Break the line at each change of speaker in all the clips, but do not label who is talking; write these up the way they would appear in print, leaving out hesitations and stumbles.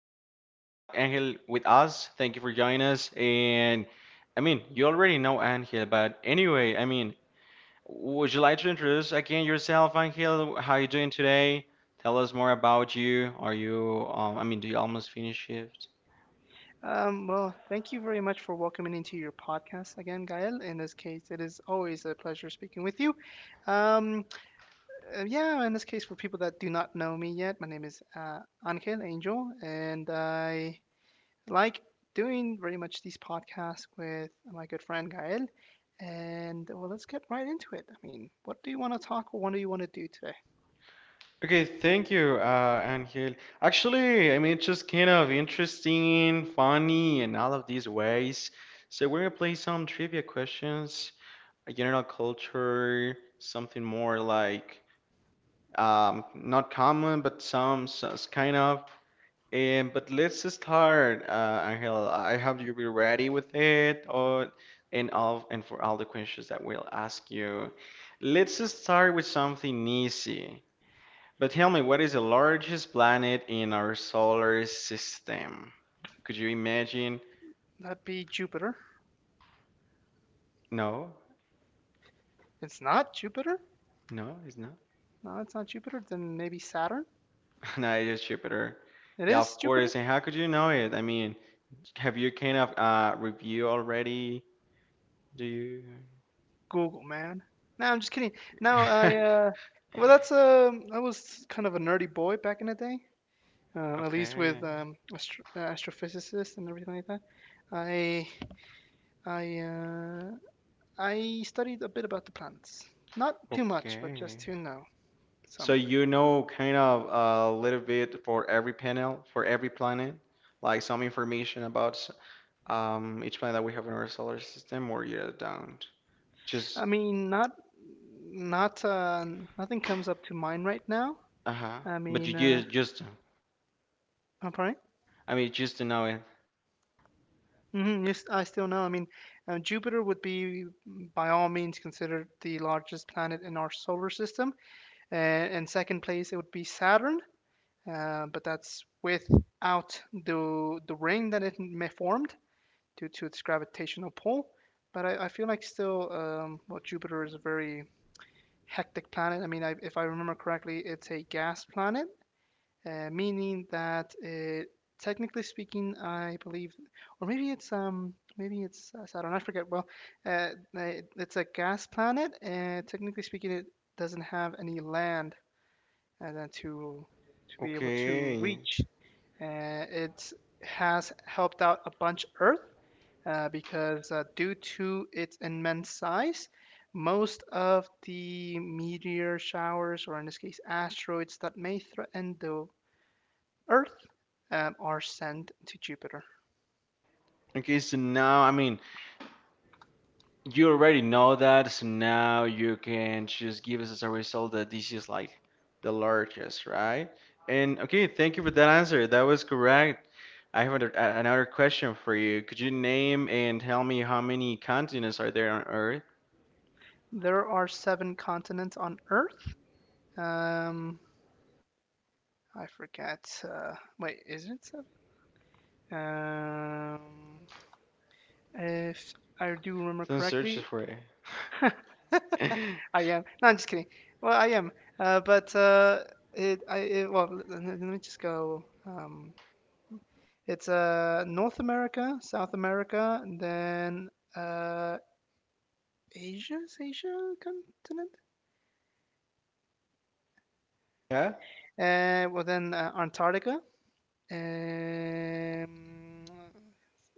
have Angel with us. Thank you for joining us. And I mean, you already know Angel, but anyway, I mean, would you like to introduce again yourself, Angel? How are you doing today? Tell us more about you. Are you, I mean, do you almost finish shift?
Thank you very much for welcoming into your podcast again, Gael. In this case, it is always a pleasure speaking with you. Um, yeah, in this case, for people that do not know me yet, my name is Angel, and I like doing very much these podcasts with my good friend Gael. And well, let's get right into it. I mean, what do you want to talk or what do you want to do today?
Okay, thank you, Angel. Actually, I mean, it's just kind of interesting, funny, and all of these ways. So we're gonna play some trivia questions. A general culture, something more like not common, but some kind of. And but let's start, Angel. I hope you be ready with it, or and all and for all the questions that we'll ask you. Let's start with something easy. But tell me, what is the largest planet in our solar system? Could you imagine?
That be Jupiter.
No,
It's not Jupiter.
no, it's not.
No, it's not Jupiter. Then maybe Saturn.
No, it's Jupiter.
It
Yeah, of
is Jupiter.
course. And how could you know it? I mean, have you kind of review already? Do you?
Google, man. No, I'm just kidding. No, I well, that's I was kind of a nerdy boy back in the day. At least with
Okay.
astrophysicists and everything like that. I I uh, I studied a bit about the planets. Not too much, but
Okay.
just to know
So
some of it.
you know kind of a little bit for every panel, for every planet, like some information about each planet that we have in our solar system, or you don't. Just
I mean, not uh, nothing comes up to mind right now.
uh-huh.
I
But you
mean,
just just
I'm
I mean just to know it.
hmm Yes, I still know. I mean, Jupiter would be, by all means, considered the largest planet in our solar system. And in second place, it would be Saturn, but that's without the ring that it formed due to its gravitational pull. But I feel like still, well, Jupiter is a very hectic planet. If I remember correctly, it's a gas planet, meaning that technically speaking, I believe, or maybe it's Saturn. I forget. Uh, it's a gas planet, and technically speaking, it doesn't have any land and then to be able to
Okay.
reach. It has helped out a bunch Earth because due to its immense size, most of the meteor showers, or in this case, asteroids that may threaten the Earth are sent to Jupiter.
Okay, so now I mean you already know that, so now you can just give us as a result that this is like the largest, right? And okay, thank you for that answer. That was correct. I have another, another question for you. Could you name and tell me how many continents are there on Earth?
There are seven continents on Earth. Um, I forget. Wait, is it seven? Um, if I do remember
Don't search
correctly,
for it.
I am. No, I'm just kidding. Well, I am. But it, I, it, well, Let me just go. It's North America, South America, and then uh, Asia. Is Asia a continent?
Yeah?
Well, then Antarctica, um,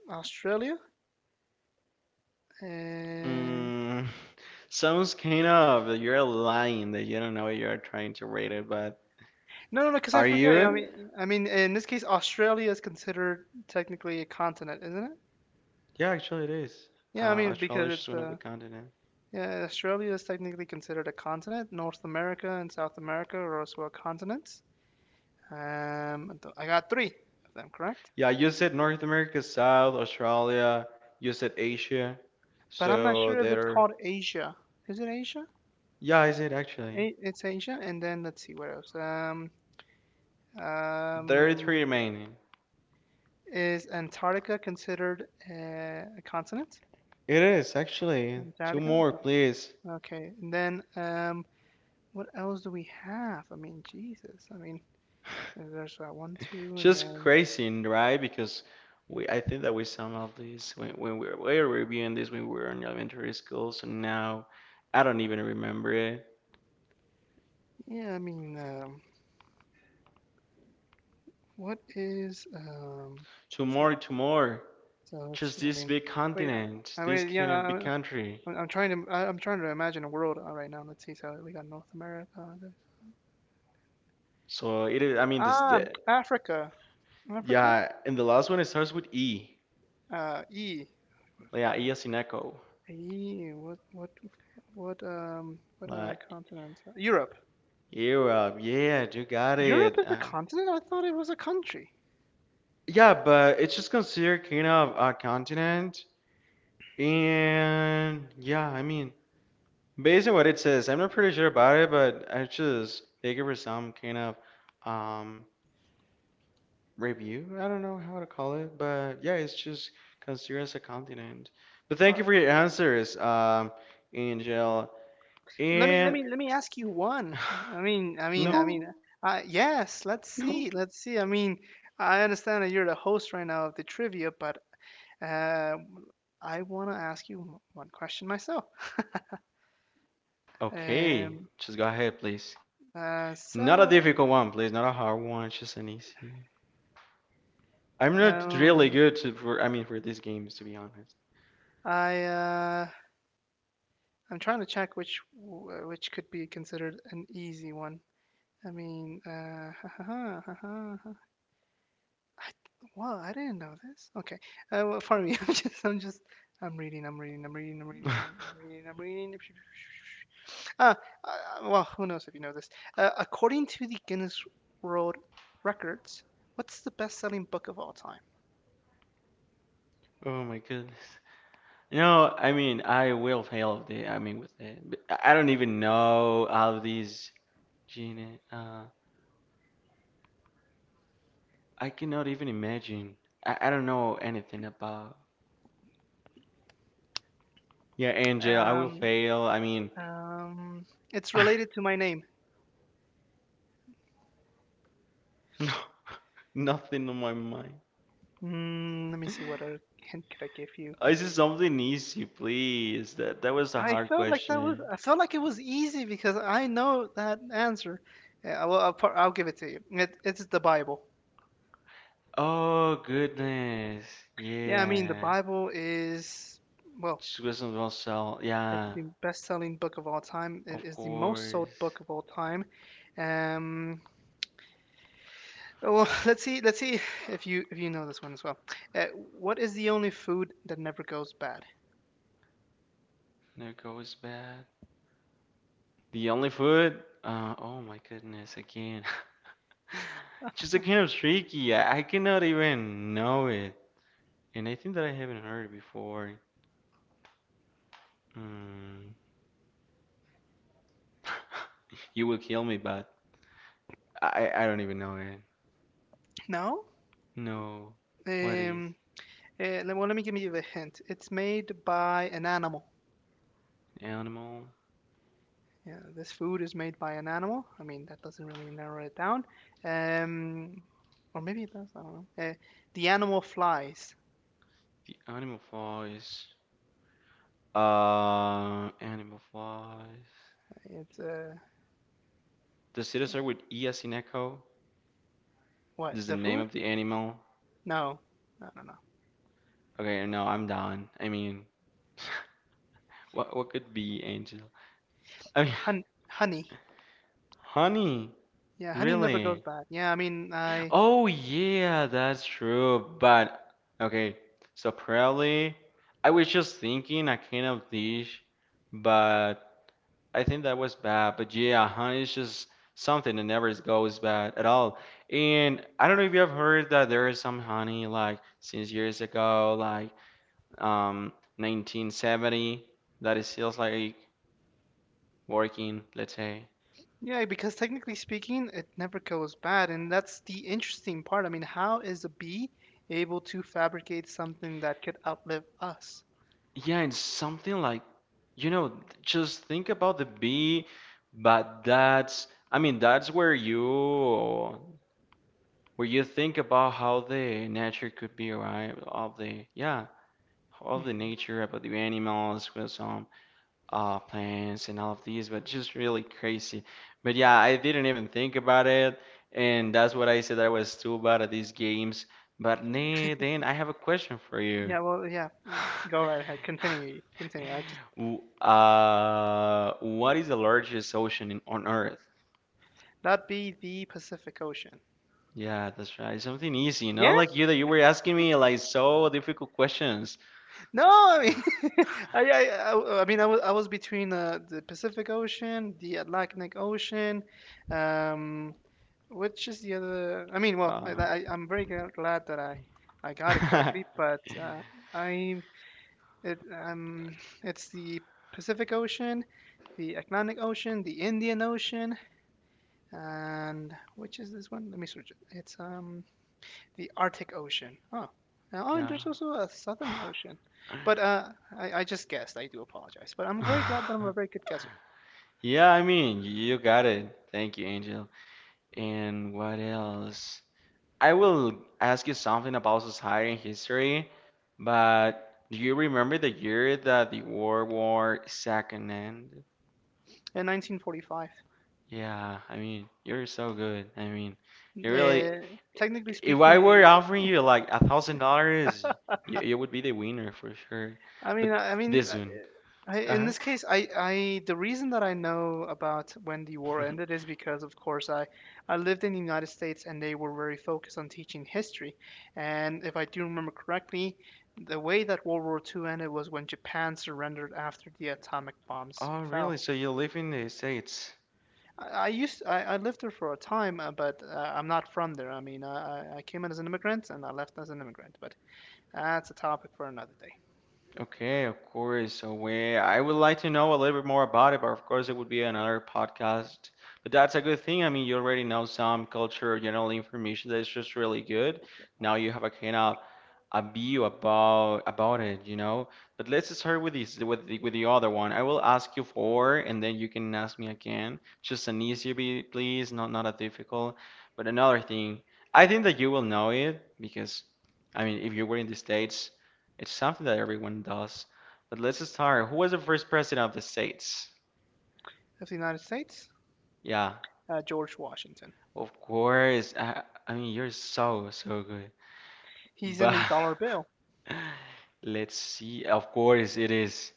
Australia. Uh,
Mm, sounds kind of you're lying that you don't know what you're trying to rate it, but
no, no, no, because I
are
forget. I
you?
mean, I mean, in this case, Australia is considered technically a continent, isn't it?
Yeah, actually it is.
Yeah, I mean, because
Australia is just
it's
one of the continents.
yeah, Australia is technically considered a continent. North America and South America are also continents. I got three of them correct,
Yeah, you said North America, South, Australia, you said Asia.
but I'm not
So
sure if it's
there,
called Asia. Is it Asia?
yeah, I said actually?
It's Asia, and then let's see what else.
There are three
Um,
remaining.
Is Antarctica considered a continent?
It is actually two
Antarctica?
more, please.
No. Okay. And then, what else do we have? I mean, Jesus. I mean, there's that one, two, and
Just
then,
crazy, right? Because we, I think that we some of this when, we were reviewing this when we were in elementary school. So now, I don't even remember it.
yeah, I mean, what is,
Two
let's see.
more, two more.
So let's
Just
see. I
this
mean,
big
wait,
continent,
I I
this
mean, yeah,
kind of big
I-
country.
I'm trying to, I'm trying to imagine a world right now. Let's see. So we got North America. then-
So it is. I mean, this
Ah,
the
Africa. Africa?
yeah, and the last one it starts with E.
E.
Like, yeah, E as in echo.
Hey, what
Like
continent? Europe.
Europe. Yeah, you got
Europe
it.
is a continent? I thought it was a country.
Yeah, but it's just considered kind of a continent. And yeah, I mean, based on what it says, I'm not pretty sure about it, but I just think it was some kind of um review. I don't know how to call it, but yeah, it's just considered as a continent. But thank you
Uh,
for your answers, Angel.
let me let
And
me let me ask you one. I mean I mean I
no,
mean uh, yes, let's
no.
see. Let's see. I mean, I understand that you're the host right now of the trivia, but uh I want to ask you one question myself.
Okay,
Um
just go ahead, please.
uh
Not a
so
difficult one, please. Not a hard one, just an easy. I'm not really
um
good to, for, I mean, for these games, to be honest.
I uh I'm trying to check which could be considered an easy one. I mean, I, well, I didn't know this. Okay, well, for me, I'm reading, I'm reading, I'm reading, I'm reading, I'm reading, I'm reading. I'm reading. Ah, well, who knows if you know this? According to the Guinness World Records, what's the best-selling book of all time?
Oh my goodness. No, I mean, I will fail of the, I mean, with it. But I don't even know how these gene, I cannot even imagine. I don't know anything about. Yeah, Angel, I will
Um,
fail. I mean,
um, it's related to my name.
no, nothing on my mind.
Mm, let me see what other hint could I give you.
Is it something easy, please? That that was a hard question.
I felt like it was easy because I know that answer. Yeah, well, I'll give it to you. It's the Bible.
Oh goodness.
Yeah, I mean the
Yeah.
Bible is well,
Just was something about sell.
it's
Yeah.
the best-selling book of all time. It
Of
is the most sold
course.
book of all time. Um, well, let's see if you know this one as well. Uh, what is the only food that never goes bad?
There goes bad. The only food? Oh my goodness, again. It's just a kind of tricky. I cannot even know it. And I think that I haven't heard it before. Mm. You will kill me, but I don't even know it.
No.
No. What is?
Um. Well, let me give you a hint. It's made by an animal.
Animal.
Yeah, this food is made by an animal. I mean, that doesn't really narrow it down. Um, or maybe it does. I don't know. The animal flies.
The animal flies. Animal flies.
It's
Does it start with E as in echo?
What?
This is the
The
name
food?
of the animal.
No, I don't know.
Okay, no, I'm done. I mean, what could be angel? I mean,
Honey.
honey,
Yeah, honey never goes
really?
bad. Yeah, I mean, I
Oh yeah, that's true. But okay, so probably I was just thinking a kind of dish, but I think that was bad, but yeah, honey is just something that never goes bad at all. And I don't know if you have heard that there is some honey like since years ago, like 1970, that is still like working, let's say.
Yeah, because technically speaking, it never goes bad, and that's the interesting part. I mean, how is a bee able to fabricate something that could outlive us?
Yeah, and something like, you know, just think about the bee, but that's, I mean, that's where you think about how the nature could be, right? Of the, yeah. All of the
Mhm.
nature about the animals with some plants and all of these but just really crazy but yeah I didn't even think about it and that's what I said I was too bad at these games but nah, then I have a question for you.
Yeah, well, yeah. Go right ahead. Continue. Continue. I just
What is the largest ocean in, on earth?
Not be the Pacific Ocean.
Yeah, that's right, something easy, you know,
Yeah.
like you that you were asking me like so difficult questions.
No, I mean, I mean, I was between the Pacific Ocean, the Atlantic Ocean, um, which is the other. I mean, well,
Uh,
glad that I got it correctly, but I, it, um, it's the Pacific Ocean, the Atlantic Ocean, the Indian Ocean, and which is this one? Let me search it. It's The Arctic Ocean. Oh, oh, and
yeah.
there's also a Southern Ocean. But uh, I just guessed. I do apologize. But I'm very glad that I'm a very good guesser.
Yeah, I mean, you got it. Thank you, Angel. And what else? I will ask you something about society and history, but do you remember the year that the World War Second ended?
In 1945,
Yeah, I mean, you're so good. I mean, you really.
uh, technically
If I
speaking,
were
eh,
offering you like $1,000, you would be the winner for sure. But
I mean,
this one.
I, in
Uh-huh.
this case, I the reason that I know about when the war ended is because, of course, I lived in the United States and they were very focused on teaching history. And if I do remember correctly, the way that World War II ended was when Japan surrendered after the atomic bombs
Oh, really?
fell.
So you live in the States?
I lived there for a time, but I'm not from there. I mean, I came in as an immigrant and I left as an immigrant, but that's a topic for another day.
Okay, of course. So we, I would like to know a little bit more about it, but of course it would be another podcast. But that's a good thing. I mean, you already know some culture, general information that is just really good. Now you have a kind of a view about it, you know. But let's start with this, with the other one. I will ask you four, and then you can ask me again. Just an easier, please, not not a difficult. But another thing, I think that you will know it because, I mean, if you were in the States. It's something that everyone does. But let's start. Who was the first president of the States?
Of the United States,
Yeah,
George Washington.
of course. I mean, you're so, so good.
He's in
But
the dollar bill.
let's see. Of course, it is.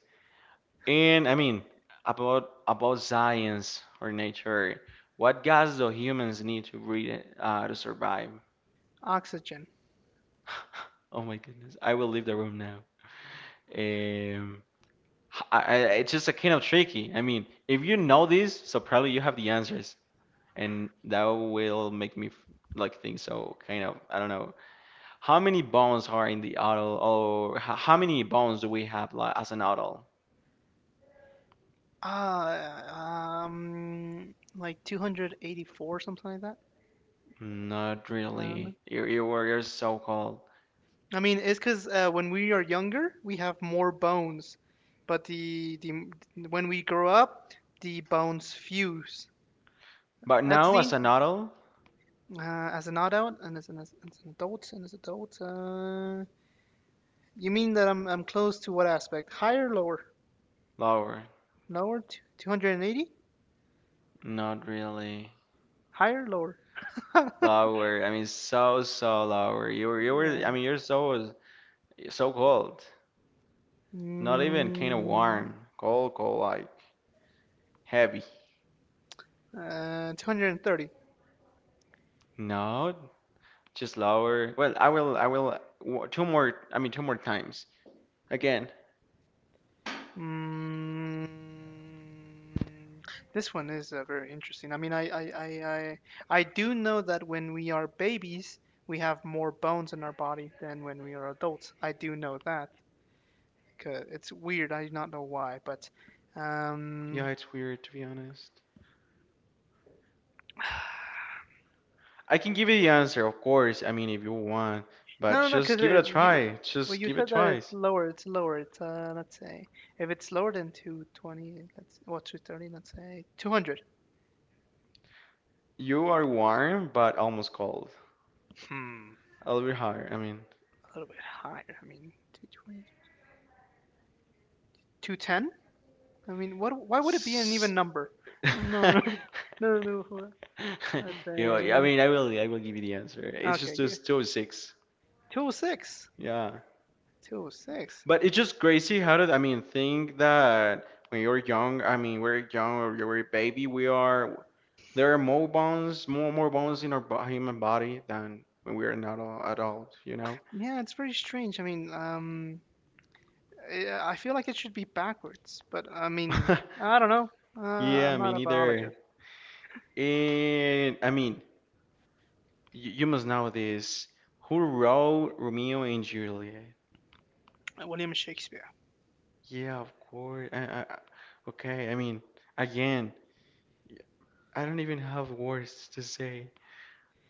And I mean, about science or nature, what gas do humans need to breathe to survive?
Oxygen.
Oh my goodness, I will leave the room now. Um, I, I, it's just a kind of tricky. I mean, if you know this, so probably you have the answers. And that will make me like think so kind of I don't know how many bones are in the adult or how many bones do we have like as an adult?
Like 284, something like that.
Not
I don't know.
really. You're so cold.
I mean, it's because when we are younger, we have more bones, but the when we grow up, the bones fuse.
But
That's
now as
the
an adult,
uh, as an adult and as an adult and as an adult. You mean that I'm close to what aspect? Higher, lower,
lower.
lower, 280,
Not really.
higher, lower.
Lower. I mean so lower. You were I mean you're so cold. Not even kind of
Mm,
warm. Cold like heavy.
230.
No, just lower. Well, I will. I will. Two more. I mean, two more times. Again.
Mm, this one is very interesting. I, I do know that when we are babies, we have more bones in our body than when we are adults. I do know that. Cause it's weird. I do not know why, but
Yeah,
um,
it's weird to be honest. I can give you the answer, of course. I mean, if you want, but
no, no, no.
just give it a try.
Well,
Just
you
give it
said that it's
twice.
lower. It's lower. It's Let's say if it's lower than 220, let's what 230, let's say 200.
You are warm, but almost cold.
Hmm.
A little bit higher. I mean,
A little bit higher. I mean, 220, 210? I mean, what? Why would it be an even
s-
number? Oh, no, no, no, no, no. no. Let's
you know. I
say,
mean, I will. I will give you the answer. It's just
okay,
just two oh six.
206.
Yeah.
206.
But it's just crazy how did I mean think that when you're young, I mean we're young or you're a baby, we are there are more bones, more bones in our bo human body than when we're not all adult, you know?
Yeah, it's very strange. I I feel like it should be backwards, but I mean, I don't know. Uh, I'm
Yeah,
not
me
a
neither.
biologist.
And I mean, you must know this. Who wrote Romeo and Juliet?
William Shakespeare.
Yeah, of course. Okay, I mean, again, I don't even have words to say.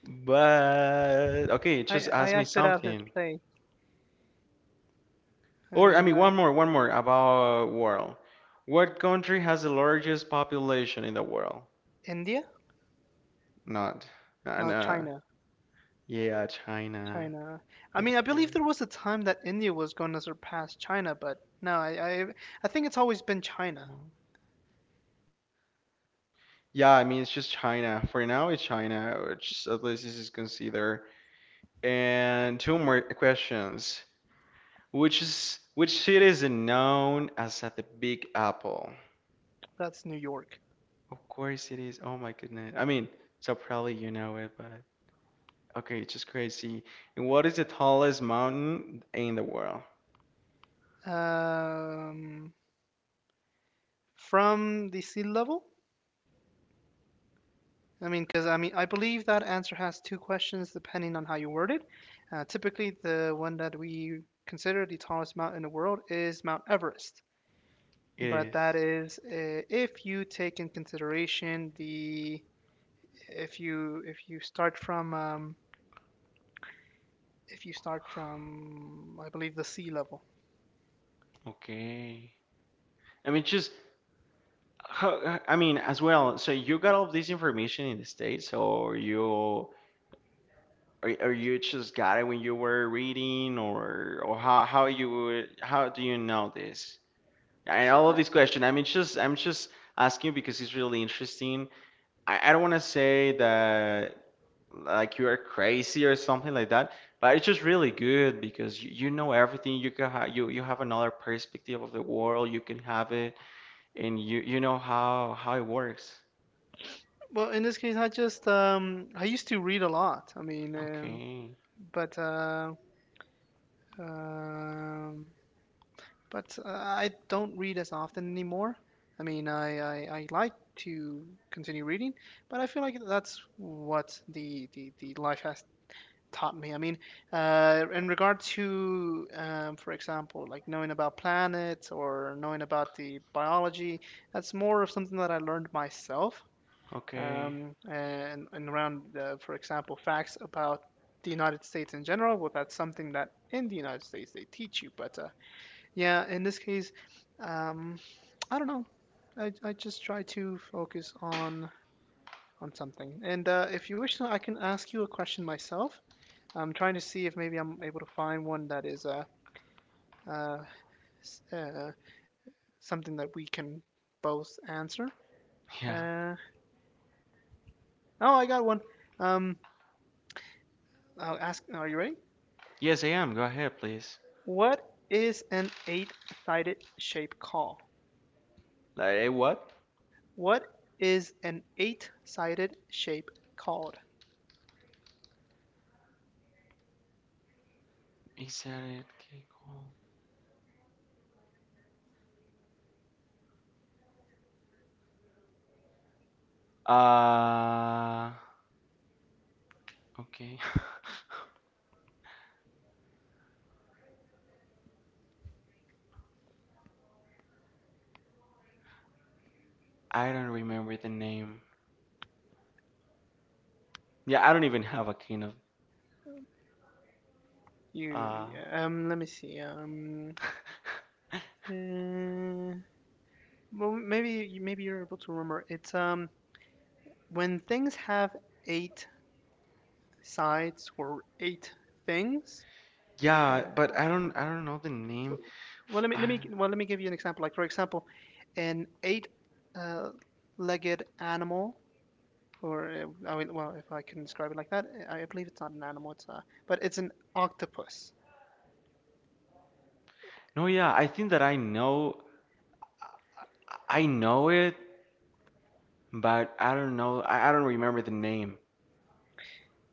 But okay, just
I
ask me
acted out his
something.
play. I
Or I
mean,
mean,
I,
one more about world. What country has the largest population in the world?
India?
Not.
No,
No.
China.
Yeah, China,
China. I
of
mean, I believe
course.
there was a time that India was going to surpass China, but no, I think it's always been China.
No. Yeah, I mean, it's just China. For now, it's China, which at least this is considered. And two more questions. Which city is known as at the Big Apple?
That's New York.
Of course it is. Oh my goodness. I mean, so probably you know it, but. Okay, it's just crazy. And what is the tallest mountain in the world?
Um, from the sea level? I mean, I believe that answer has two questions depending on how you word it. Typically, the one that we consider the tallest mountain in the world is Mount Everest.
It
But
is.
that is if you take in consideration the if you start from if you start from I believe the sea level.
Okay. I mean, just, I mean, as well. So you got all this information in the States, or you just got it when you were reading, or how you would, how do you know this? And all
Uh,
of these questions. I mean, just, I'm just asking because it's really interesting. I don't want to say that like you are crazy or something like that. But it's just really good because you know everything. You can ha you you have another perspective of the world. You can have it, and you know how it works.
Well, in this case, I just I used to read a lot. I mean,
Okay,
but uh, um, but I don't read as often anymore. I mean, I, I like to continue reading, but I feel like that's what the life has taught me. I mean, in regard to, for example, like knowing about planets or knowing about the biology, that's more of something that I learned myself.
okay,
And around, for example, facts about the United States in general, well, that's something that in the United States they teach you. But yeah, in this case, um, I don't know. I just try to focus on something. And if you wish, I can ask you a question myself. I'm trying to see if maybe I'm able to find one that is uh, uh, something that we can both answer.
yeah.
Uh, oh, I got one. Um, I'll ask. Are you ready?
Yes, I am. Go ahead, please.
What is an eight-sided shape called?
Like what?
What is an eight-sided shape called?
Is that it? Okay, cool. Uh, okay. I don't remember the name. Yeah, I don't even have a kind of uh.
You Let me see. Uh, well, maybe you're able to remember. It's when things have eight sides or eight things.
Yeah,
Uh,
but I don't know the name.
w- well,
F-
let me let me
Uh,
well let me give you an example. Like for example, an eight-legged animal, or I mean, well, if I can describe it like that, I believe it's not an animal. It's but it's an octopus.
no, yeah, I think that I know it, but I don't know I don't remember the name.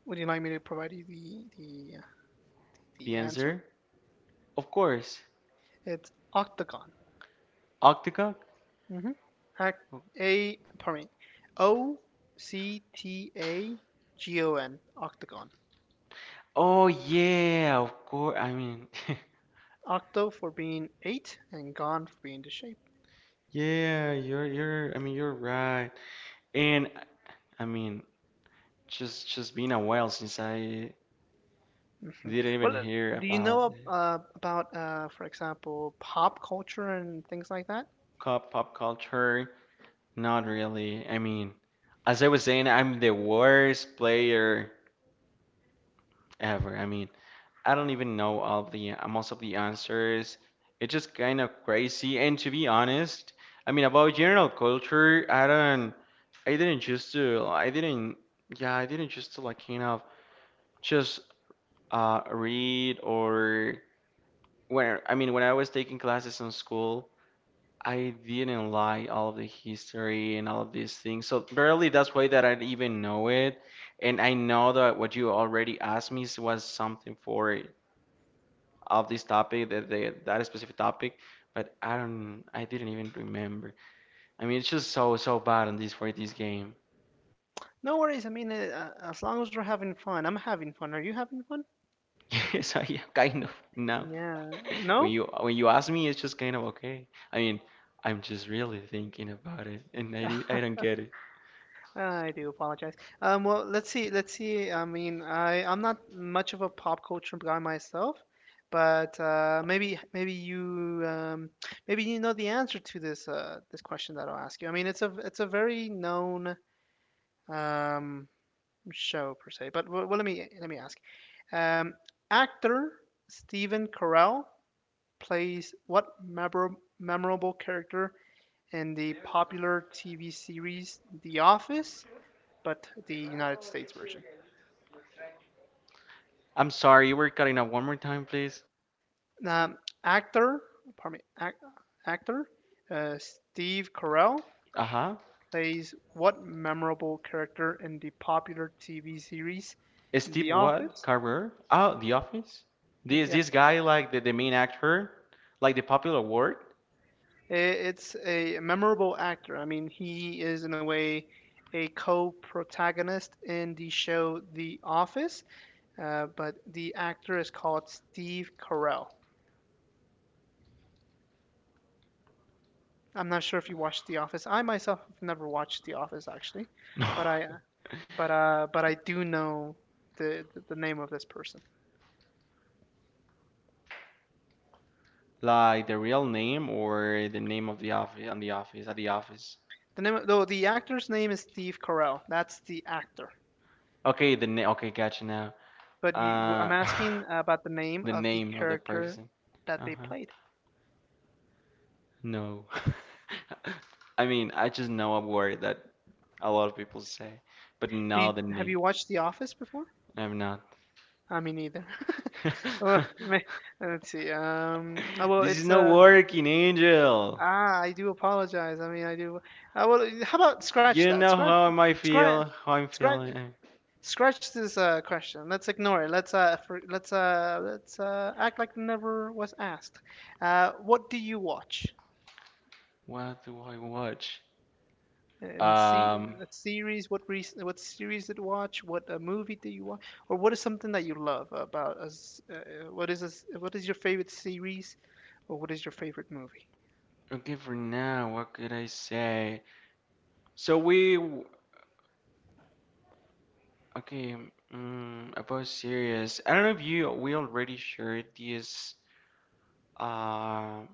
Would you like me to provide you the the
The
answer?
answer? Of course,
It's octagon.
Octacock.
Mm-hmm. Hac- A, pardon me, Octagon, octagon.
Oh yeah, of course. I mean,
Octo for being eight, and gon for being the shape.
yeah, you're I mean you're right. And I mean, just been a while since I didn't even
Well,
hear
do you know
about the
about, for example, pop culture and things like that?
pop culture. Not really. I mean. As I was saying, I'm the worst player ever. I mean, I don't even know all the most of the answers. It's just kind of crazy. And to be honest, I mean, about general culture, I don't, I didn't just, to, I didn't, yeah, I didn't just to like kind of just read or when I was taking classes in school, I didn't like all of the history and all of these things. So barely that's why that I even know it. And I know that what you already asked me was something for it, of this topic, that the, that specific topic. But I didn't even remember. I mean, it's just so so bad on this for this game.
No worries. I mean, as long as we're having fun, I'm having fun. Are you having fun?
So yeah, kind of now.
Yeah.
When
No?
you when you ask me, it's just kind of okay. I mean, I'm just really thinking about it, and I don't get it.
I do apologize. Well, let's see. Let's see. I mean, I'm not much of a pop culture guy myself, but maybe you know the answer to this question that I'll ask you. I mean, it's a very known um, show per se. But well, let me ask. Um, Actor Stephen Carell plays what memorable character in the popular TV series The Office, but the United States version?
I'm sorry, you were cutting out one more time, please.
Um, Actor, pardon me, actor Steve Carell
Uh-huh.
plays what memorable character in the popular TV series
Steve
The
what?
Office?
Carver? Oh, The Office?
He
This guy like the main actor? Like the popular word?
It's a memorable actor. I mean, he is in a way a co-protagonist in the show The Office, but the actor is called Steve Carell. I'm not sure if you watched The Office. I myself have never watched The Office actually,
No,
but
I
I
don't,
but I do know the name of this person.
like the real name or the name of the office on the office at the office.
The name of, though the actor's name is Steve Carell. That's the actor.
Okay, the name. Okay, gotcha now.
But you, I'm
Uh,
asking about the name
the
of the
name of the
character
person.
that they
Uh-huh.
played.
No. I mean, I just know a word that a lot of people say, but
Do
now
you,
the
have
name.
you watched The Office before?
I'm not.
I mean, neither. Well, let's see. Oh, well,
This is not working, Angel.
I do apologize. I mean, I do. Well, how about scratch
You
that?
know how am I
Scratch,
feel, how I'm
scratch,
feeling.
Scratch this question. Let's ignore it. Let's for, let's let's act like it never was asked. What do you watch?
What do I watch?
And see
Um,
a series, what series did you watch? What movie did you watch? Or what is something that you love about us? What is your favorite series, or what is your favorite movie?
okay, for now, what could I say? So we, okay, um, about series. I don't know if we already shared these uh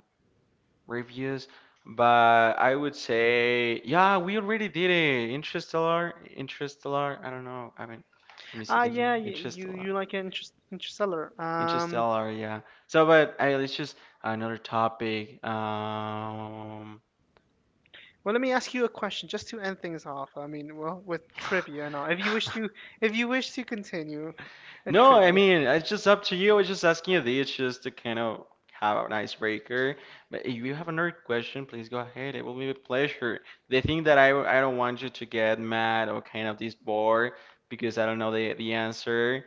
reviews, but I would say, yeah, we already did it. Interstellar, Interstellar. I don't know. I mean, let me see
Ah,
the
yeah,
name.
you
Interstellar.
like Interstellar.
Interstellar, yeah. So, but hey, let's just another topic.
Well, let me ask you a question just to end things off. I mean, well, with trivia and all. If you wish to continue, a
No, I
trivia.
mean it's just up to you. I was just asking you this, just to kind of have an icebreaker. But if you have another question, please go ahead. It will be a pleasure. The thing that I don't want you to get mad or kind of this bored because I don't know the answer,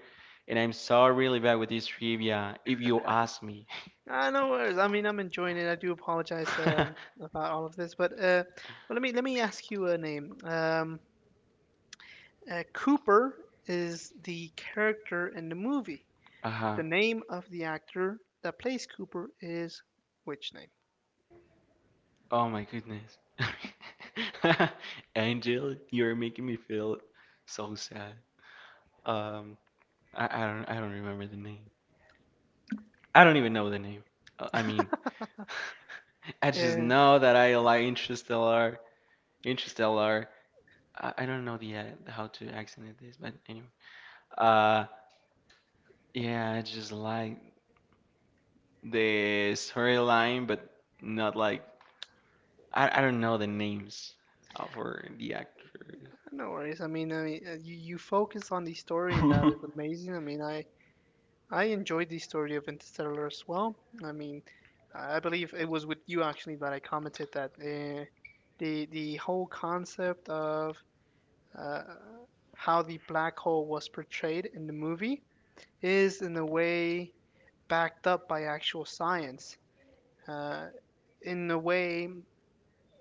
and I'm so really bad with this trivia. If you ask me.
Ah, no worries. I mean, I'm enjoying it. I do apologize about all of this, but well, let me ask you a name. Cooper is the character in the movie.
Uh-huh.
The name of the actor that plays Cooper is which name?
Oh my goodness. Angel, you're making me feel so sad. Um, I don't remember the name. I don't even know the name. I mean, I just
Yeah,
know that I like Interstellar. Interstellar. I don't know the how to accent it is, but anyway. Uh, yeah, I just like the storyline, but not like I don't know the names of for the actors.
no worries. I mean, you focus on the story, and that is amazing. I mean, I enjoyed the story of Interstellar as well. I mean, I believe it was with you actually that I commented that the whole concept of uh, how the black hole was portrayed in the movie is in a way backed up by actual science. Uh, in a way,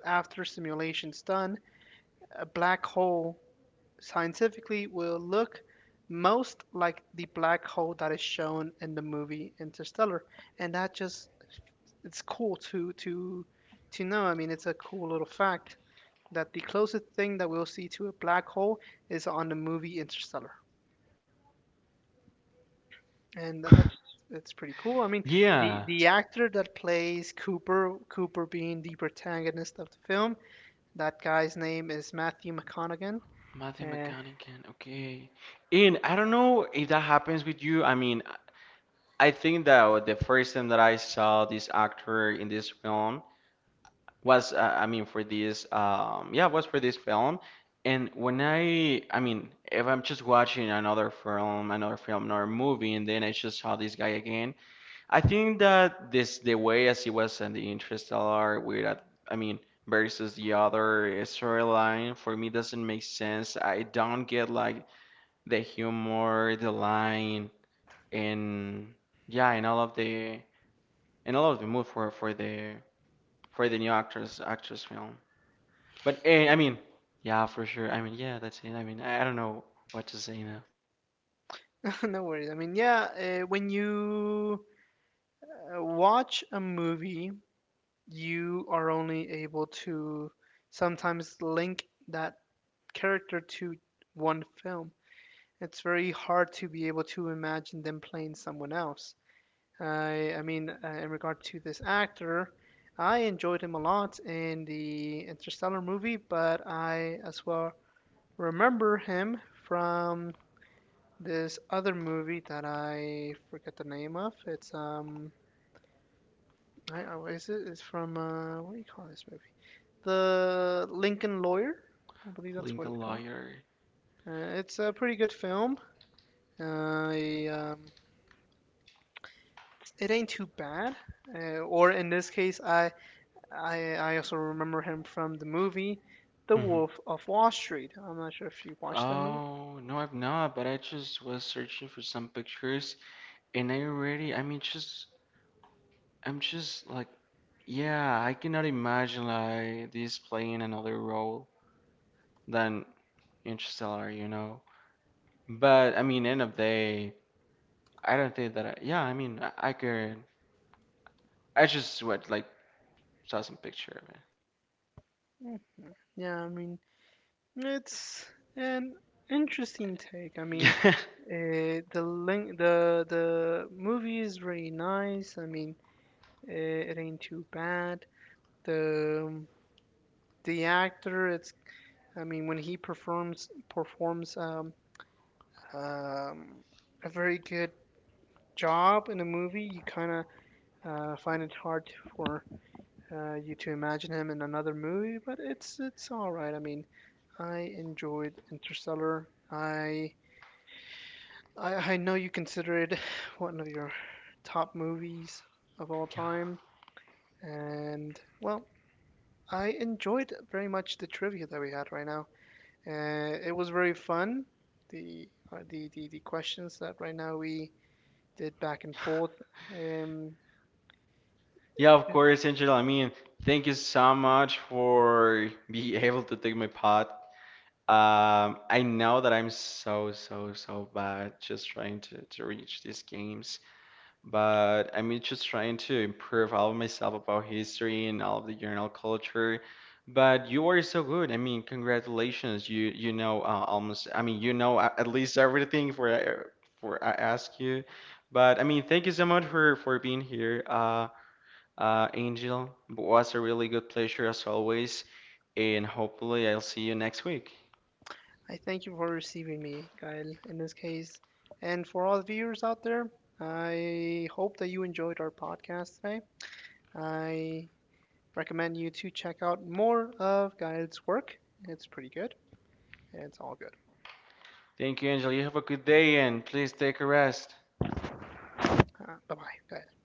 after simulations done, a black hole scientifically will look most like the black hole that is shown in the movie Interstellar, and that just it's cool to know. I mean, it's a cool little fact that the closest thing that we'll see to a black hole is on the movie Interstellar. And that's pretty cool. I mean,
Yeah,
the actor that plays Cooper, Cooper being the protagonist of the film, that guy's name is Matthew McConaughey.
Matthew
Uh,
McConaughey, okay. And I don't know if that happens with you. I mean, I think that the first time that I saw this actor in this film was, I mean, for this, yeah, was for this film. And I mean, if I'm just watching another film, another movie, and then I just saw this guy again, I think that this, the way as he was in the Interstellar, I mean, versus the other storyline, for me doesn't make sense. I don't get like the humor, the line, and yeah, and all of the and all of the mood for the new actress film. But I mean, yeah, for sure. I mean, yeah, that's it. I mean, I don't know what to say now.
no worries. I mean, yeah, when you watch a movie, you are only able to sometimes link that character to one film. It's very hard to be able to imagine them playing someone else. I mean, in regard to this actor, I enjoyed him a lot in the Interstellar movie, but I as well remember him from this other movie that I forget the name of. It's oh, is it? It's from what do you call this movie? The Lincoln Lawyer, I believe that's what it's
Lincoln
called.
Lawyer.
It's a pretty good film. I It ain't too bad. Or in this case, I also remember him from the movie The
Hmm.
Wolf of Wall Street. I'm not sure if you watched that movie.
Oh, no, I've not, but I just was searching for some pictures and I already, I mean, just, I'm just like, yeah, I cannot imagine like this playing another role than Interstellar, you know? But I mean, end of day, I don't think that. Yeah, I mean, I could. I just what like saw some picture of
Mm, yeah, I mean, it's an interesting take. I mean,
it.
the link, the movie is really nice. I mean, it ain't too bad. The the actor, it's I mean, when he performs um, a very good job in a movie, you kind of find it hard for you to imagine him in another movie, but it's all right. I mean, I enjoyed Interstellar. I know you consider it one of your top movies of all
Yeah,
time, and well, I enjoyed very much the trivia that we had right now. It was very fun. The questions that right now we did back and
yeah,
forth. Um,
yeah. Of course, Angela. I mean, thank you so much for being able to take my pod. I know that I'm so so so bad just trying to reach these games. But I'm just trying to improve all of myself about history and all of the general culture. But you are so good. I mean, congratulations. You know almost. I mean, you know at least everything for I ask you. But I mean, thank you so much for being here, Angel. It was a really good pleasure as always, and hopefully I'll see you next week.
I thank you for receiving me, Gael, in this case. And for all the viewers out there, I hope that you enjoyed our podcast today. I recommend you to check out more of Gael's work. It's pretty good, and it's all good.
Thank you, Angel. You have a good day, and please take a rest.
Bye bye, Gael.